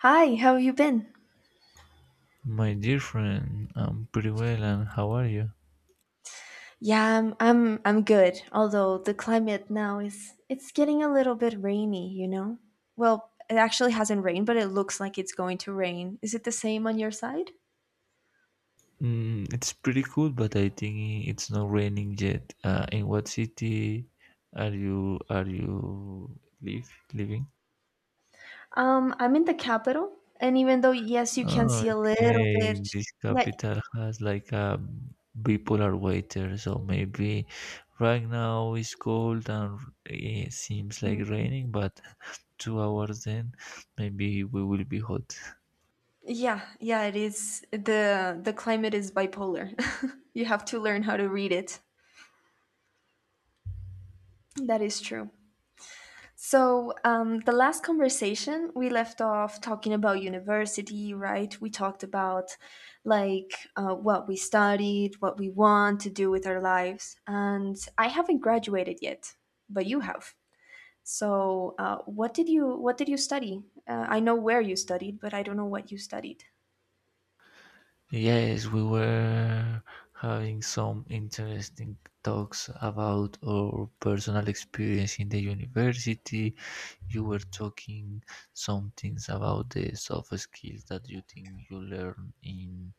Hi, how have you been? My dear friend, I'm pretty well and how are you? Yeah, I'm good. Although the climate now is it's getting a little bit rainy, you know? Well, it actually hasn't rained, but it looks like it's going to rain. Is it the same on your side? Mm, it's pretty cool, but I think it's not raining yet. In what city are you live living? I'm in the capital, and even though yes, you can see a little Okay, bit. this Yeah, capital has like a bipolar weather, so maybe right now it's cold and it seems like mm, raining, but 2 hours then maybe we will be hot. yeah, yeah, it is. The climate is bipolar. You have to learn how to read it. That is true. So, the last conversation we left off talking about university, right? We talked about, like, what we studied, what we want to do with our lives. And I haven't graduated yet, but you have. So, what did you study? I know where you studied, but I don't know what you studied. Yes, we were having some interesting talks about our personal experience in the university. You were talking some things about the soft skills that you think you learn in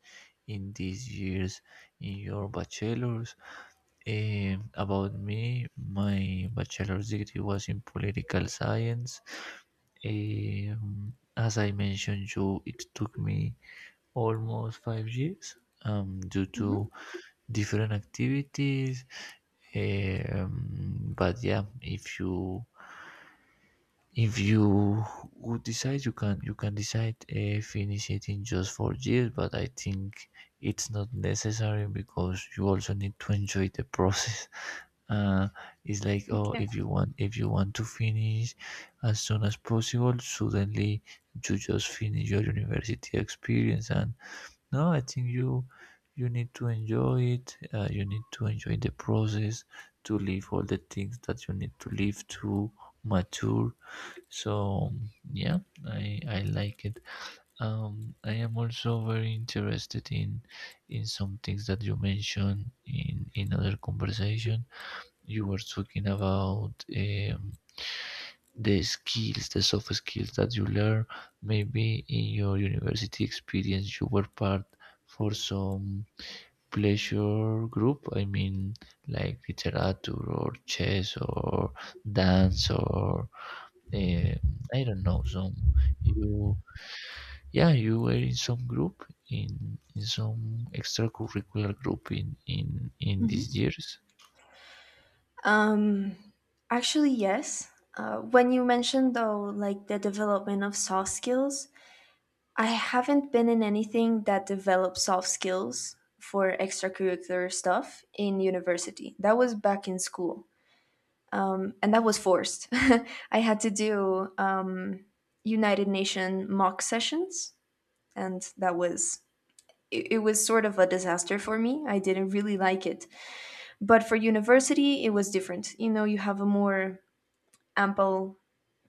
in these years in your bachelor's. About me, my bachelor's degree was in political science. As I mentioned you, it took me almost 5 years due Hmm. to different activities. But yeah, if you would decide, you can decide finish it in just 4 years. But I think it's not necessary because you also need to enjoy the process. Uh, it's like oh, Okay. if you want to finish as soon as possible, suddenly you just finish your university experience and no, I think you need to enjoy it. You need to enjoy the process to live all the things that you need to live to mature. So yeah, I like it. I am also very interested in some things that you mentioned in other conversation. You were talking about the skills, the soft skills that you learn. Maybe in your university experience, you were part for some pleasure group. I mean, like literature or chess or dance or um, I don't know. Some you, yeah, you were in some group in some extracurricular group in these Hmm. years. Um, actually, yes. When you mentioned, though, like the development of soft skills, I haven't been in anything that develops soft skills for extracurricular stuff in university. That was back in school, and that was forced. I had to do United Nations mock sessions, and that was it. It was sort of a disaster for me. I didn't really like it, but for university, it was different. You know, you have a more ample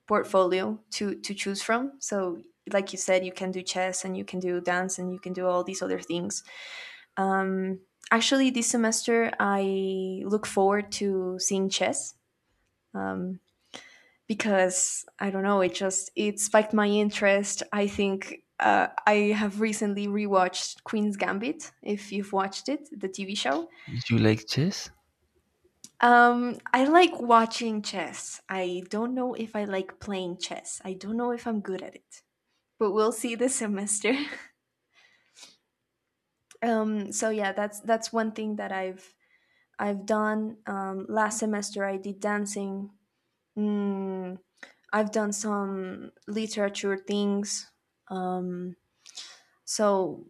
portfolio to choose from. So, like you said, you can do chess and you can do dance and you can do all these other things. Um, actually this semester I look forward to seeing chess, um, because I don't know, it just it spiked my interest, I think. I have recently rewatched Queen's Gambit. If you've watched it, the TV show. Did you like chess? I like watching chess. I don't know if I like playing chess. I don't know if I'm good at it. But we'll see this semester. So, yeah, that's one thing that I've done. Last semester I did dancing. Mm, I've done some literature things. Um, so,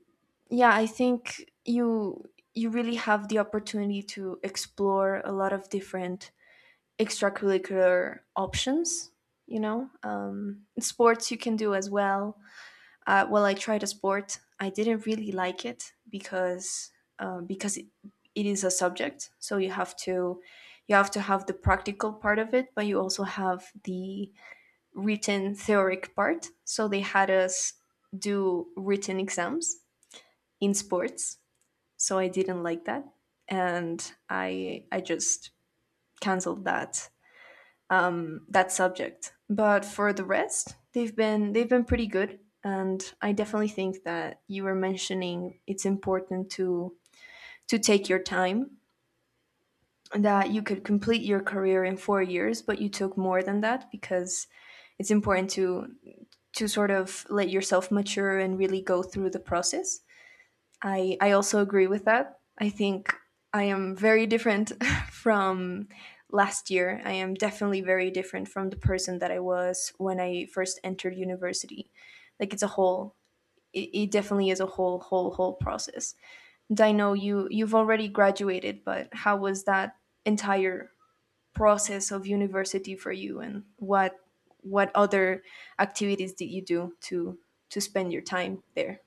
yeah, I think you really have the opportunity to explore a lot of different extracurricular options. Sports you can do as well. Well, I tried a sport. I didn't really like it because it is a subject, so you have to have the practical part of it, but you also have the written theoric part. So they had us do written exams in sports. So I didn't like that, and I just canceled that subject. But for the rest, they've been pretty good, and I definitely think that you were mentioning it's important to take your time. That you could complete your career in 4 years, but you took more than that because it's important to sort of let yourself mature and really go through the process. I also agree with that. I think I am very different from last year. I am definitely very different from the person that I was when I first entered university. Like it definitely is a whole, whole, whole process. And I know you've already graduated, but how was that entire process of university for you, and what other activities did you do to spend your time there?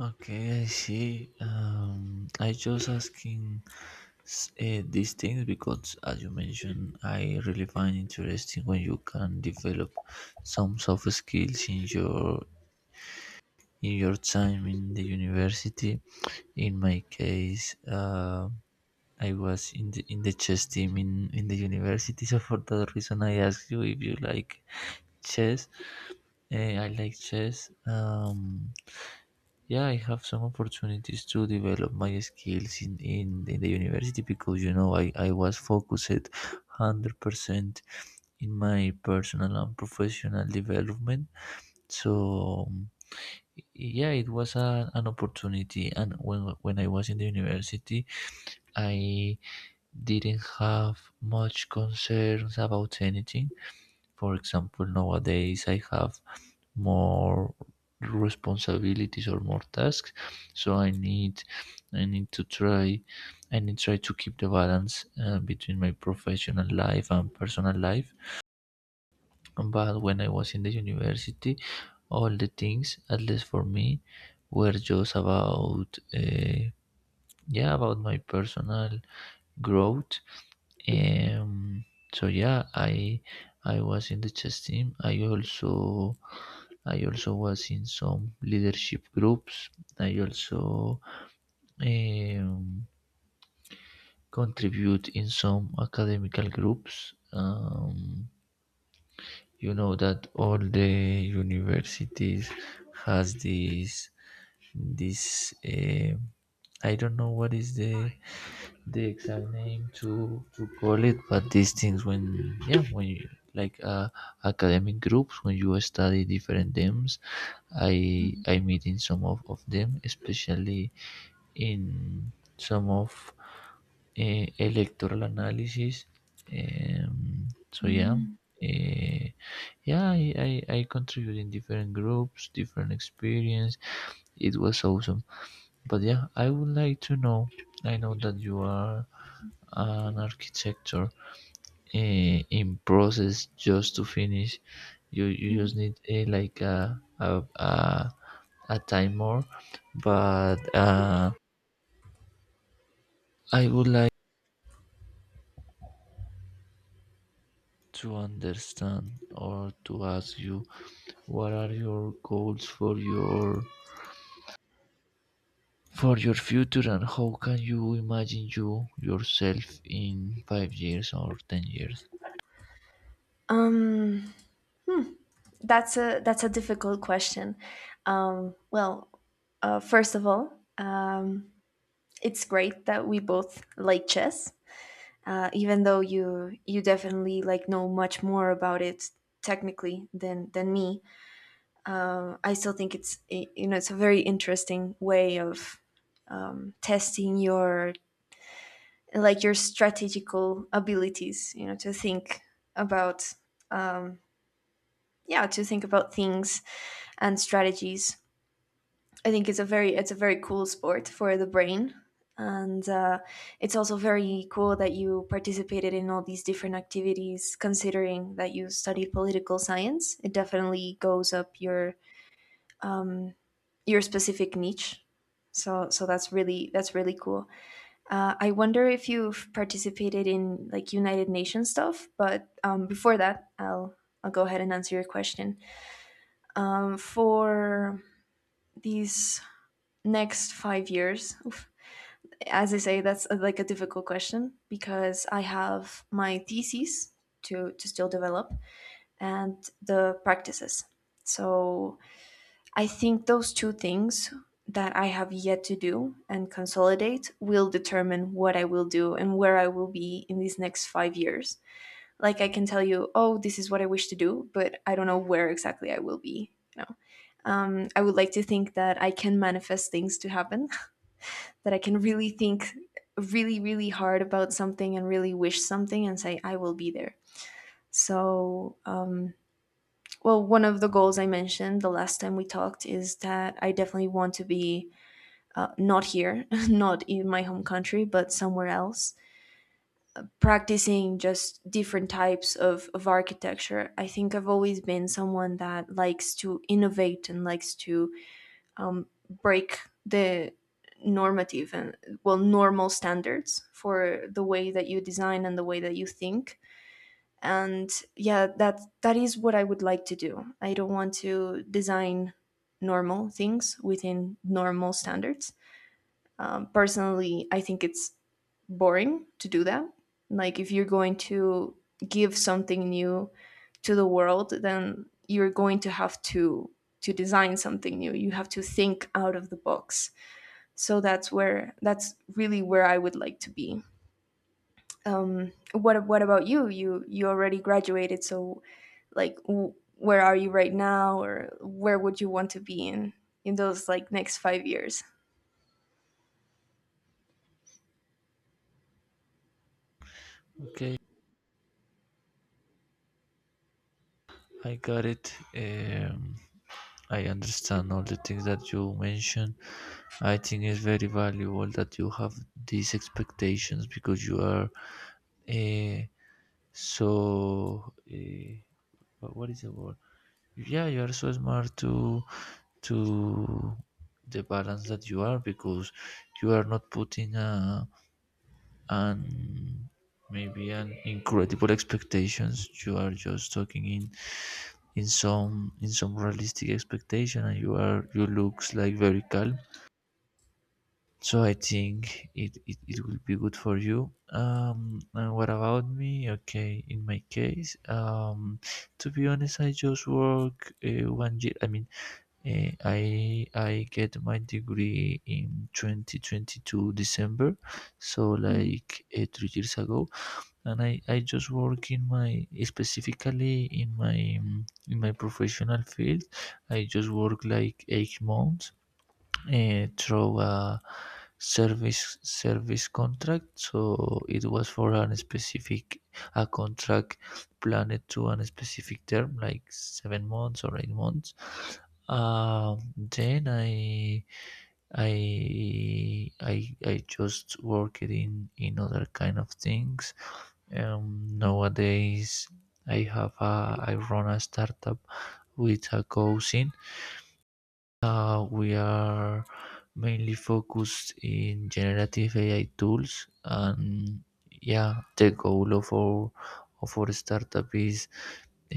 Okay, I see. I just asking these things because, as you mentioned, I really find interesting when you can develop some soft skills in your time in the university. In my case, I was in the chess team in the university, so for that reason, I asked you if you like chess. I like chess. Yeah, I have some opportunities to develop my skills in the university because you know I was focused 100% in my personal and professional development. So yeah, it was a, an opportunity and when I was in the university, I didn't have much concerns about anything. For example, nowadays I have more responsibilities or more tasks so i need to try I need try to keep the balance between my professional life and personal life but when I was in the university all the things at least for me were just about yeah about my personal growth, um, so yeah I was in the chess team I also I also was in some leadership groups. I also um, contribute in some academical groups. You know that all the universities has this I don't know what is the exact name to call it, but these things when yeah when you like academic groups when you study different themes i Mhm. i meet in some of them, especially in some of electoral analysis, so yeah uh, yeah I contribute in different groups different experience. It was awesome, but yeah, I would like to know. I know that you are an architecture in process just to finish. You Mhm. just need a like a a time more. But I would like to understand or to ask you what are your goals for your future and how can you imagine you yourself in 5 years or 10 years. Um that's a difficult question. Well, first of all, it's great that we both like chess, even though you definitely, like, know much more about it technically than me. I still think it's eh, you know it's a very interesting way of testing your, like, your strategical abilities. You know, to think about, yeah, to think about things and strategies. I think it's a very cool sport for the brain, and it's also very cool that you participated in all these different activities. Considering that you studied political science, it definitely goes up um, your specific niche. So that's really cool. I wonder if you've participated in, like, United Nations stuff, but before that, I'll go ahead and answer your question. For these next 5 years, oof, as I say, that's a, like, a difficult question because I have my theses to still develop, and the practices. So I think those two things that I have yet to do and consolidate will determine what I will do and where I will be in these next 5 years. Like, I can tell you, oh, this is what I wish to do, but I don't know where exactly I will be. I would like to think that I can manifest things to happen, that I can really think really, really hard about something and really wish something and say, I will be there. So, one of the goals I mentioned the last time we talked is that I definitely want to be not here, not in my home country, but somewhere else, practicing just different types of architecture. I think I've always been someone that likes to innovate and likes to um, break the normative and, well, normal standards for the way that you design and the way that you think. And, yeah, that is what I would like to do. I don't want to design normal things within normal standards. Personally, I think it's boring to do that. Like, if you're going to give something new to the world, then you're going to have to design something new. You have to think out of the box. So that's really where I would like to be. What about you? You already graduated, so, like, where are you right now, or where would you want to be in those, like, next 5 years? Okay, I got it. I understand all the things that you mentioned. I think it's very valuable that you have these expectations because you are uh, so wha- what is the word? Yeah, you are so smart to the balance that you are because you are not putting a and maybe an incredible expectations. You are just talking in in some realistic expectation and you are you looks like very calm, so I think it will be good for you. Um, and what about me? Okay, in my case, um, to be honest I just work 1 year I mean uh, I get my degree in 2022 december, so Mhm. like 3 years ago. And I just work in my, specifically in my professional field, I just work like 8 months through a service contract, so it was for an specific a contract planned to an specific term like 7 months or 8 months. Um, then I just worked in other kind of things. Um, nowadays, I have a, I run a startup with a cousin. We are mainly focused in generative AI tools, and yeah, the goal of our startup is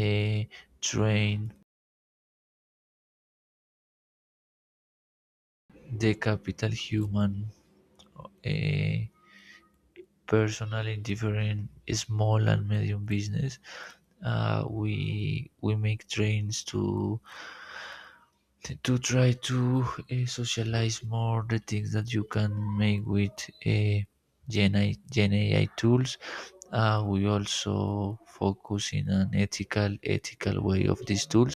uh, train the capital human uh, personal in different small and medium business. We make trains to try to socialize more the things that you can make with uh, Gen, AI, Gen AI tools. We also focus in an ethical way of these tools.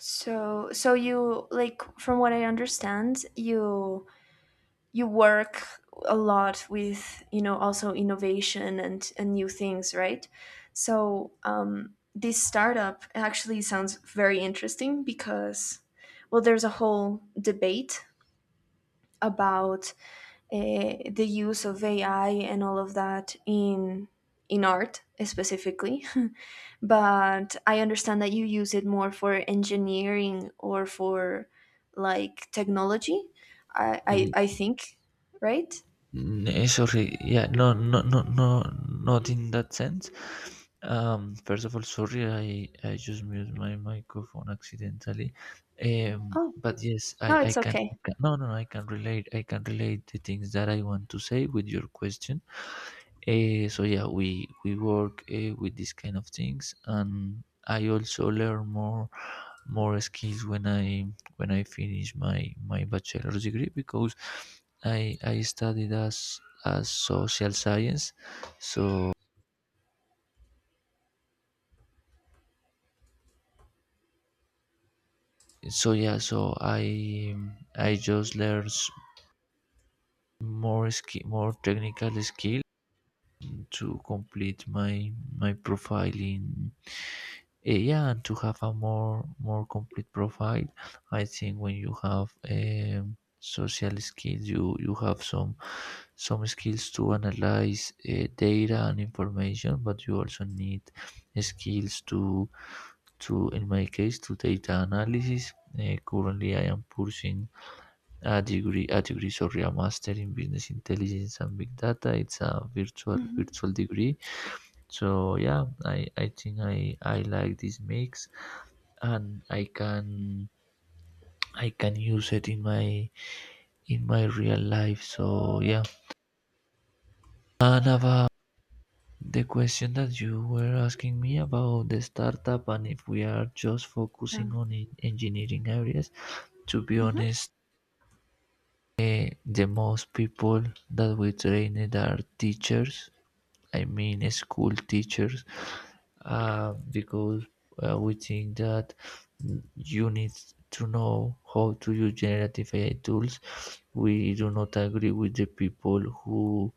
So, you, like, from what I understand, you work a lot with, also, innovation and new things, right? So this startup actually sounds very interesting, because, well, there's a whole debate about the use of AI and all of that in art specifically. But I understand that you use it more for engineering or for, like, technology, i i, Mm, I think. Right? mm, sorry, yeah, no, no, no, no, not in that sense. First of all, sorry, I just muted my microphone accidentally. Oh, But yes, I, no, I it's can, okay. I can no, no, no, I can relate. I can relate the things that I want to say with your question. So yeah, we work with these kind of things, and I also learn more more skills when I finish my my bachelor's degree because I studied as social science, so so yeah, so I just learn s- more skill more technical skill to complete my my profile in. Eh, yeah, and to have a more more complete profile, I think when you have social skills, you have some skills to analyze data and information, but you also need skills to in my case to data analysis. Currently, I am pursuing sorry, a master in business intelligence and big data. It's a virtual Mhm. virtual degree. So yeah, I think I like this mix, and I can use it in my real life. So yeah. And about the question that you were asking me about the startup and if we are just Yeah. focusing on en- engineering areas, to be Mhm. honest, eh, the most people that we trained are teachers, I mean school teachers, because we think that you need to know how to use generative AI tools. We do not agree with the people who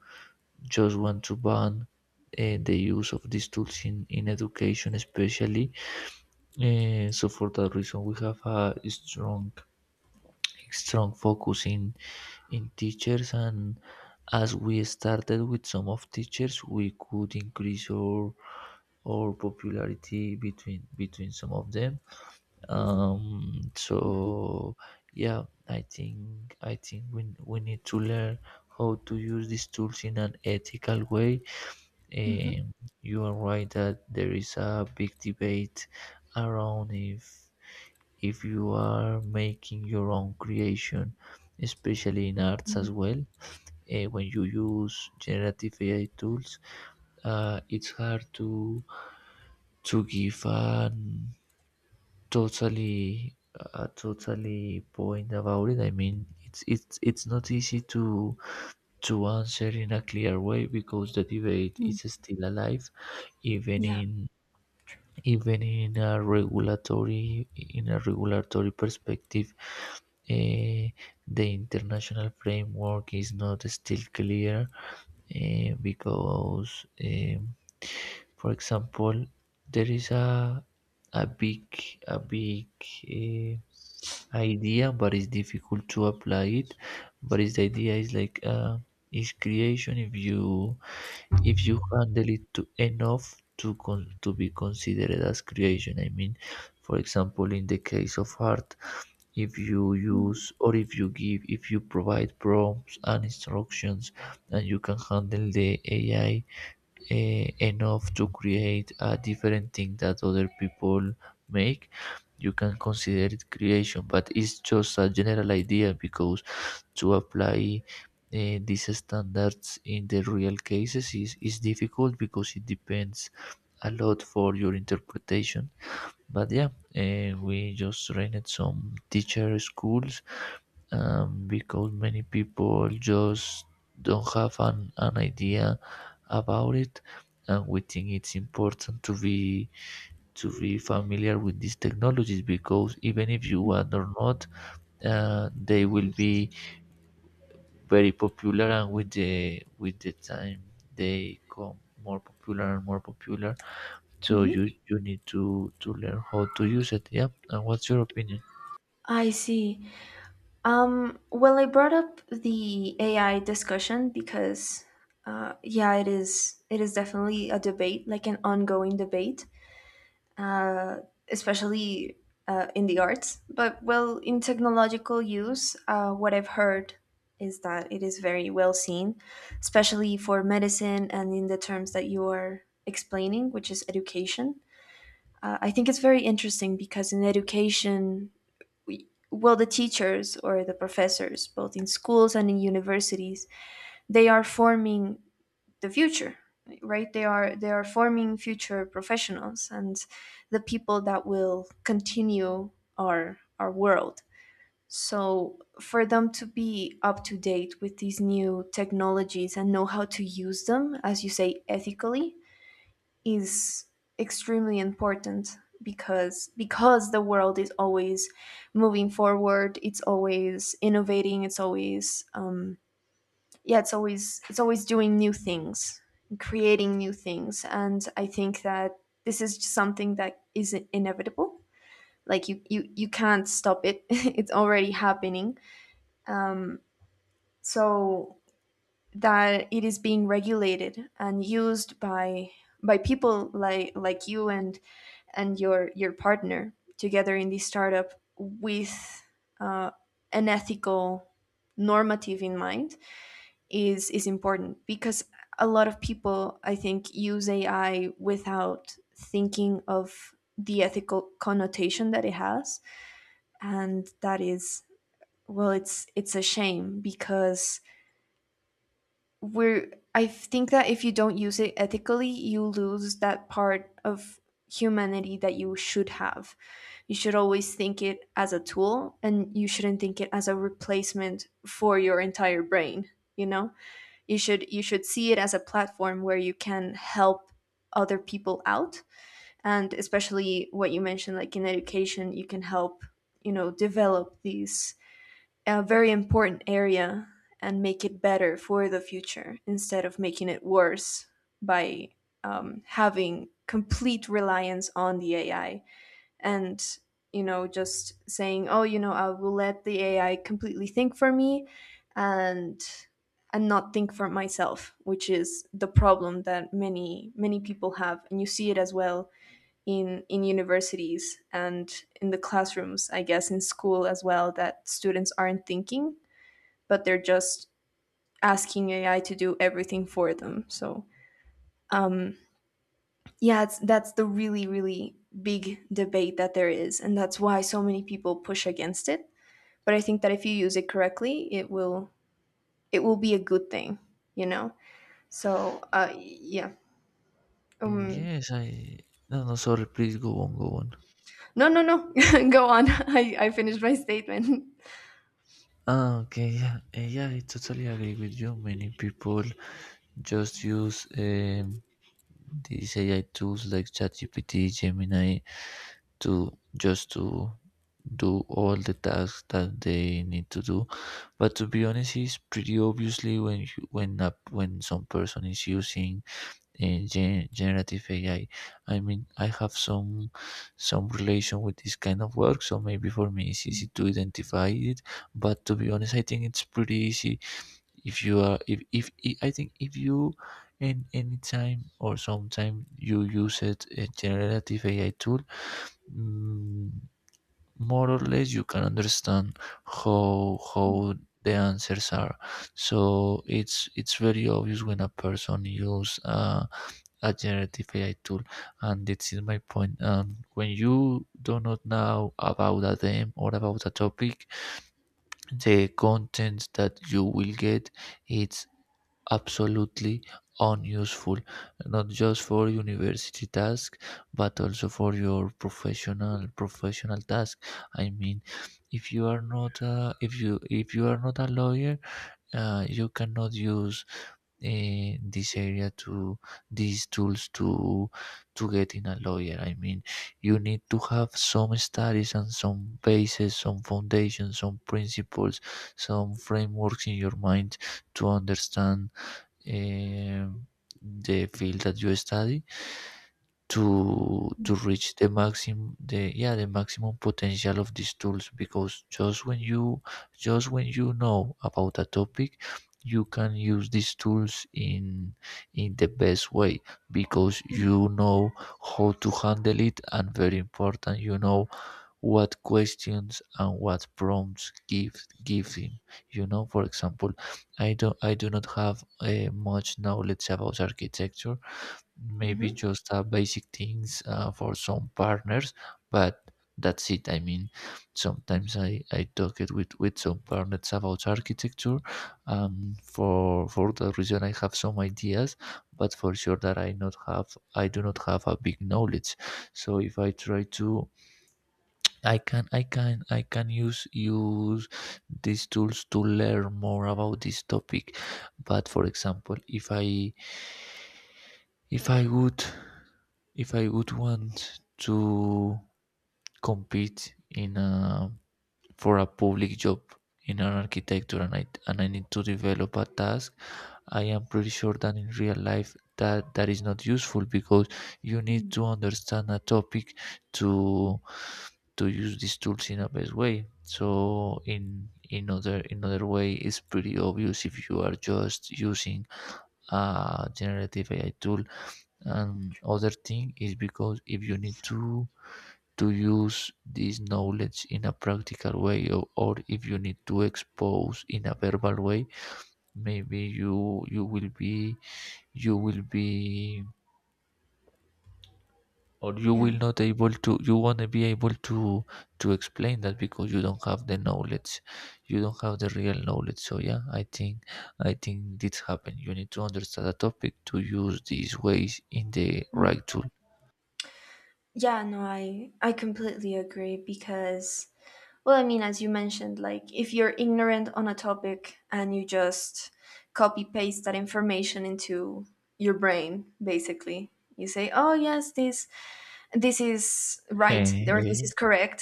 just want to ban the use of these tools in education, especially. So for that reason, we have a strong focus in teachers, and as we started with some of teachers, we could increase our or popularity between some of them. So yeah, I think we need to learn how to use these tools in an ethical way. Mhm. Um, you are right that there is a big debate around if you are making your own creation, especially in arts Mm. as well. Eh, when you use generative AI tools, it's hard to give an totally, totally point about it. I mean, it's not easy to answer in a clear way because the debate Mm. is still alive, even Yeah. in even in a regulatory perspective. eh, the international framework is not still clear eh, because, um, for example, there is a big a big eh, idea, but it's difficult to apply it, but it's the idea is like is creation if you handle it to enough to to be considered as creation. I mean, for example, in the case of art, if you Mhm. use or if you provide prompts and instructions, and you can handle the AI enough to create a different thing that other people make, you can consider it creation. But it's just a general idea because to apply these standards in the real cases is difficult because it depends a lot for your interpretation. But yeah, we just trained some teacher schools, because many people just don't have an idea about it, and we think it's important to be familiar with these technologies, because even if you want or not, they will be very popular, and with the time they come more popular and more popular. So you Mhm. you need to learn how to use it. Yeah, and what's your opinion? I see. Well, I brought up the AI discussion because, yeah, it is definitely a debate, like an ongoing debate. uh, especially in the arts. But, well, in technological use, what I've heard is that it is very well seen, especially for medicine and in the terms that you are explaining, which is education. I think it's very interesting because in education, well, the teachers or the professors, both in schools and in universities, they are forming the future, right? They are forming future professionals and the people that will continue our world. So, for them to be up to date with these new technologies and know how to use them, as you say, ethically is extremely important. Because the world is always moving forward. It's always innovating, it's always yeah, it's always doing new things, creating new things. And I think that this is just something that is inevitable. Like, you can't stop it. It's already happening. Um, so that it is being regulated and used by people, like you and your partner together in this startup, with uh, an ethical normative in mind, is important, because a lot of people, I think, use AI without thinking of the ethical connotation that it has. And that is, well, it's a shame, because we're I think that if you don't use it ethically, you lose that part of humanity that you should have. You should always think it as a tool, and you shouldn't think it as a replacement for your entire brain you know you should see it as a platform where you can help other people out. And especially what you mentioned, like, in education you can help, develop these, a very important area, and make it better for the future instead of making it worse by having complete reliance on the AI. And, just saying, oh, I will let the AI completely think for me, and and not think for myself, which is the problem that many, many people have. And you see it as well in universities and in the classrooms, I guess in school as well, that students aren't thinking, but they're just asking AI to do everything for them. So, um, yeah, that's the really, really big debate that there is, and that's why so many people push against it. But I think that if you use it correctly, it will be a good thing you know so, yeah, Mm, um yes, I, no no, sorry, please go on, go on. no, no, no. Go on. I finished my statement. Ah, okay, yeah, yeah, I totally agree with you. Many people just use these AI tools like ChatGPT, Gemini, to just to do all the tasks that they need to do. But to be honest, it's pretty obviously when you, when a, when some person is using generative AI. I mean, I have some relation with this kind of work, so maybe for me it's easy to identify it. But to be honest, I think it's pretty easy if you are if, if I think if you in any time or sometime you use it a generative AI tool, mm, more or less you can understand how the answers are. So it's very obvious when a person use a generative AI tool. And this is my point, when you do not know about a theme or about a topic, the content that you will get it's absolutely unuseful, not just for university tasks, but also for your professional task. I mean, if you are not if you if you are not a lawyer, you cannot use this area to these tools to get in a lawyer. I mean, you need to have some studies and some bases, some foundations, some principles, some frameworks in your mind to understand um, the field that you study to reach the maximum the yeah the maximum potential of these tools, because just when you know about a topic, you can use these tools in the best way, because you know how to handle it, and very important, you know what questions and what prompts give give him. You know, for example, I do not have much knowledge about architecture. Maybe Mm-hmm. just basic things for some partners, but that's it. I mean, sometimes I talk it with some partners about architecture. For that reason, I have some ideas, but for sure that I do not have a big knowledge. So if I try to, I can use use these tools to learn more about this topic. But for example, if I if I would if I would want to compete in a, for a public job in an architecture, and I need to develop a task, I am pretty sure that in real life that that is not useful because you need to understand a topic to to use these tools in a best way. So in other way, it's pretty obvious if you are just using a generative AI tool. And other thing is because if you need to use this knowledge in a practical way, or if you need to expose in a verbal way, maybe you will be you will be or you Yeah. will not able to you wanna be able to explain that, because you don't have the knowledge, you don't have the real knowledge. So yeah, I think this happen. You need to understand the topic to use these ways in the Mm. right tool. Yeah, no, I completely agree, because, well, I mean, as you mentioned, like, if you're ignorant on a topic and you just copy paste that information into your brain, basically, you say, "Oh, yes, this is right, or this Hey, is correct."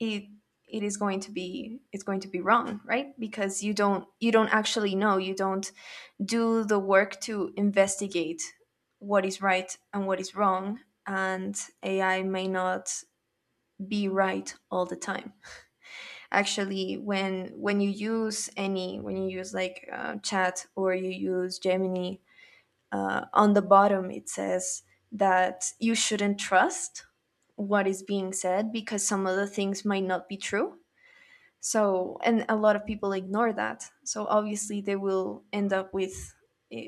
It it's going to be wrong, right? Because you don't actually know, you don't do the work to investigate what is right and what is wrong, and AI may not be right all the time. Actually, when you use any when you use, like, chat, or you use Gemini, on the bottom it says that you shouldn't trust what is being said, because some of the things might not be true. So, and a lot of people ignore that, so obviously they will end up with uh,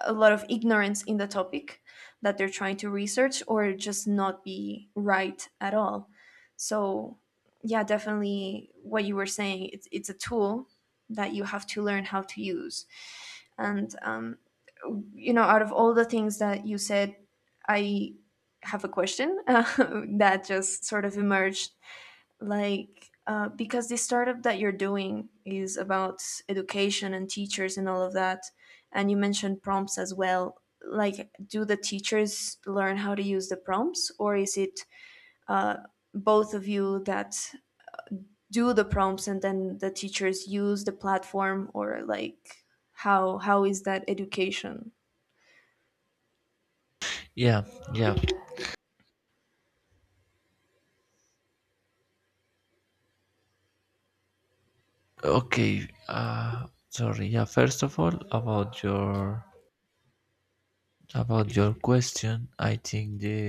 a lot of ignorance in the topic that they're trying to research, or just not be right at all. So, yeah, definitely what you were saying, it's a tool that you have to learn how to use. And, out of all the things that you said, I have a question that just sort of emerged, like, because the startup that you're doing is about education and teachers and all of that, and you mentioned prompts as well, like, do the teachers learn how to use the prompts, or is it uh, both of you that do the prompts and then the teachers use the platform, or, like, how is that education? yeah, yeah, okay, sorry. Yeah, first of all, about your question, I think the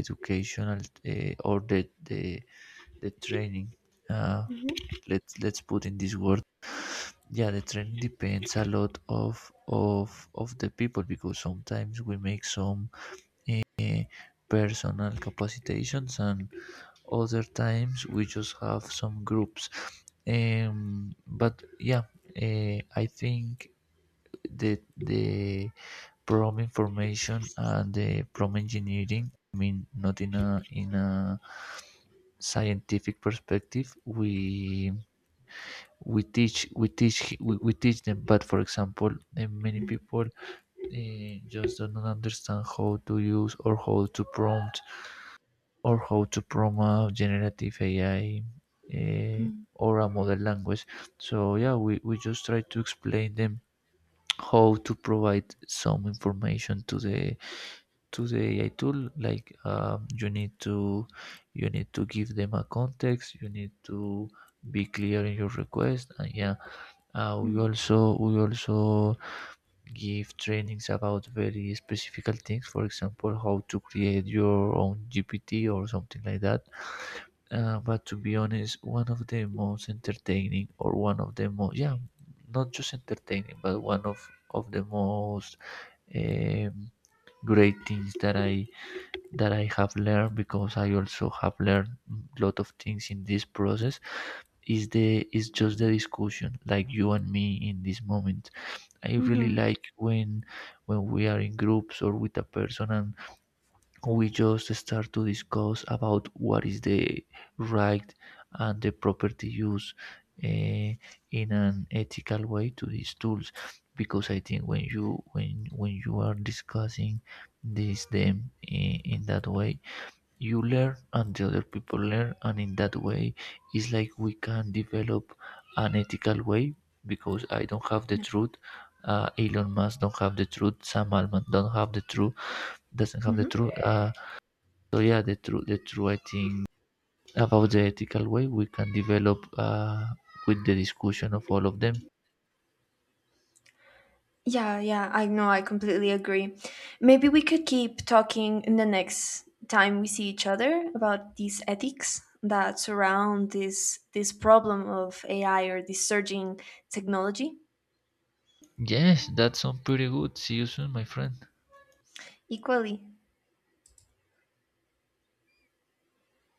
educational or the training, uh, Hmm. Let's put in this word, yeah, the training depends a lot of the people, because sometimes we make some personal capacitations, and other times we just have some groups. But yeah, I think that the prom information and the prom engineering, I mean, not in a in a scientific perspective, we teach we teach we teach them. But for example, many Mm, people just don't understand how to use or how to prompt, or how to promote generative AI, eh, mm, or a model language. So yeah, we just try to explain them how to provide some information to the AI tool, like, you need to give them a context, you need to be clear in your request. And yeah, we mm, also give trainings about very specific things. For example, how to create your own GPT or something like that. But to be honest, one of the most entertaining or one of the most, yeah, not just entertaining, but one of the most um, great things that I have learned, because I also have learned a lot of things in this process, is the is just the discussion like you and me in this moment. I really mhm, like when we are in groups or with a person, and we just start to discuss about what is the right and the property use eh, in an ethical way to these tools. Because I think when you are discussing this them in that way, you learn and the other people learn, and in that way it's like we can develop an ethical way, because I don't have the yeah, truth, Elon Musk don't have the truth, Sam Altman don't have the truth, doesn't have the mhm. truth. So yeah, the truth the truth, I think, about the ethical way we can develop with the discussion of all of them. Yeah, yeah, I know, I completely agree. Maybe we could keep talking in the next time we see each other about these ethics that surround this problem of AI, or this surging technology. Yes, that sounds pretty good, see you soon my friend. Equally.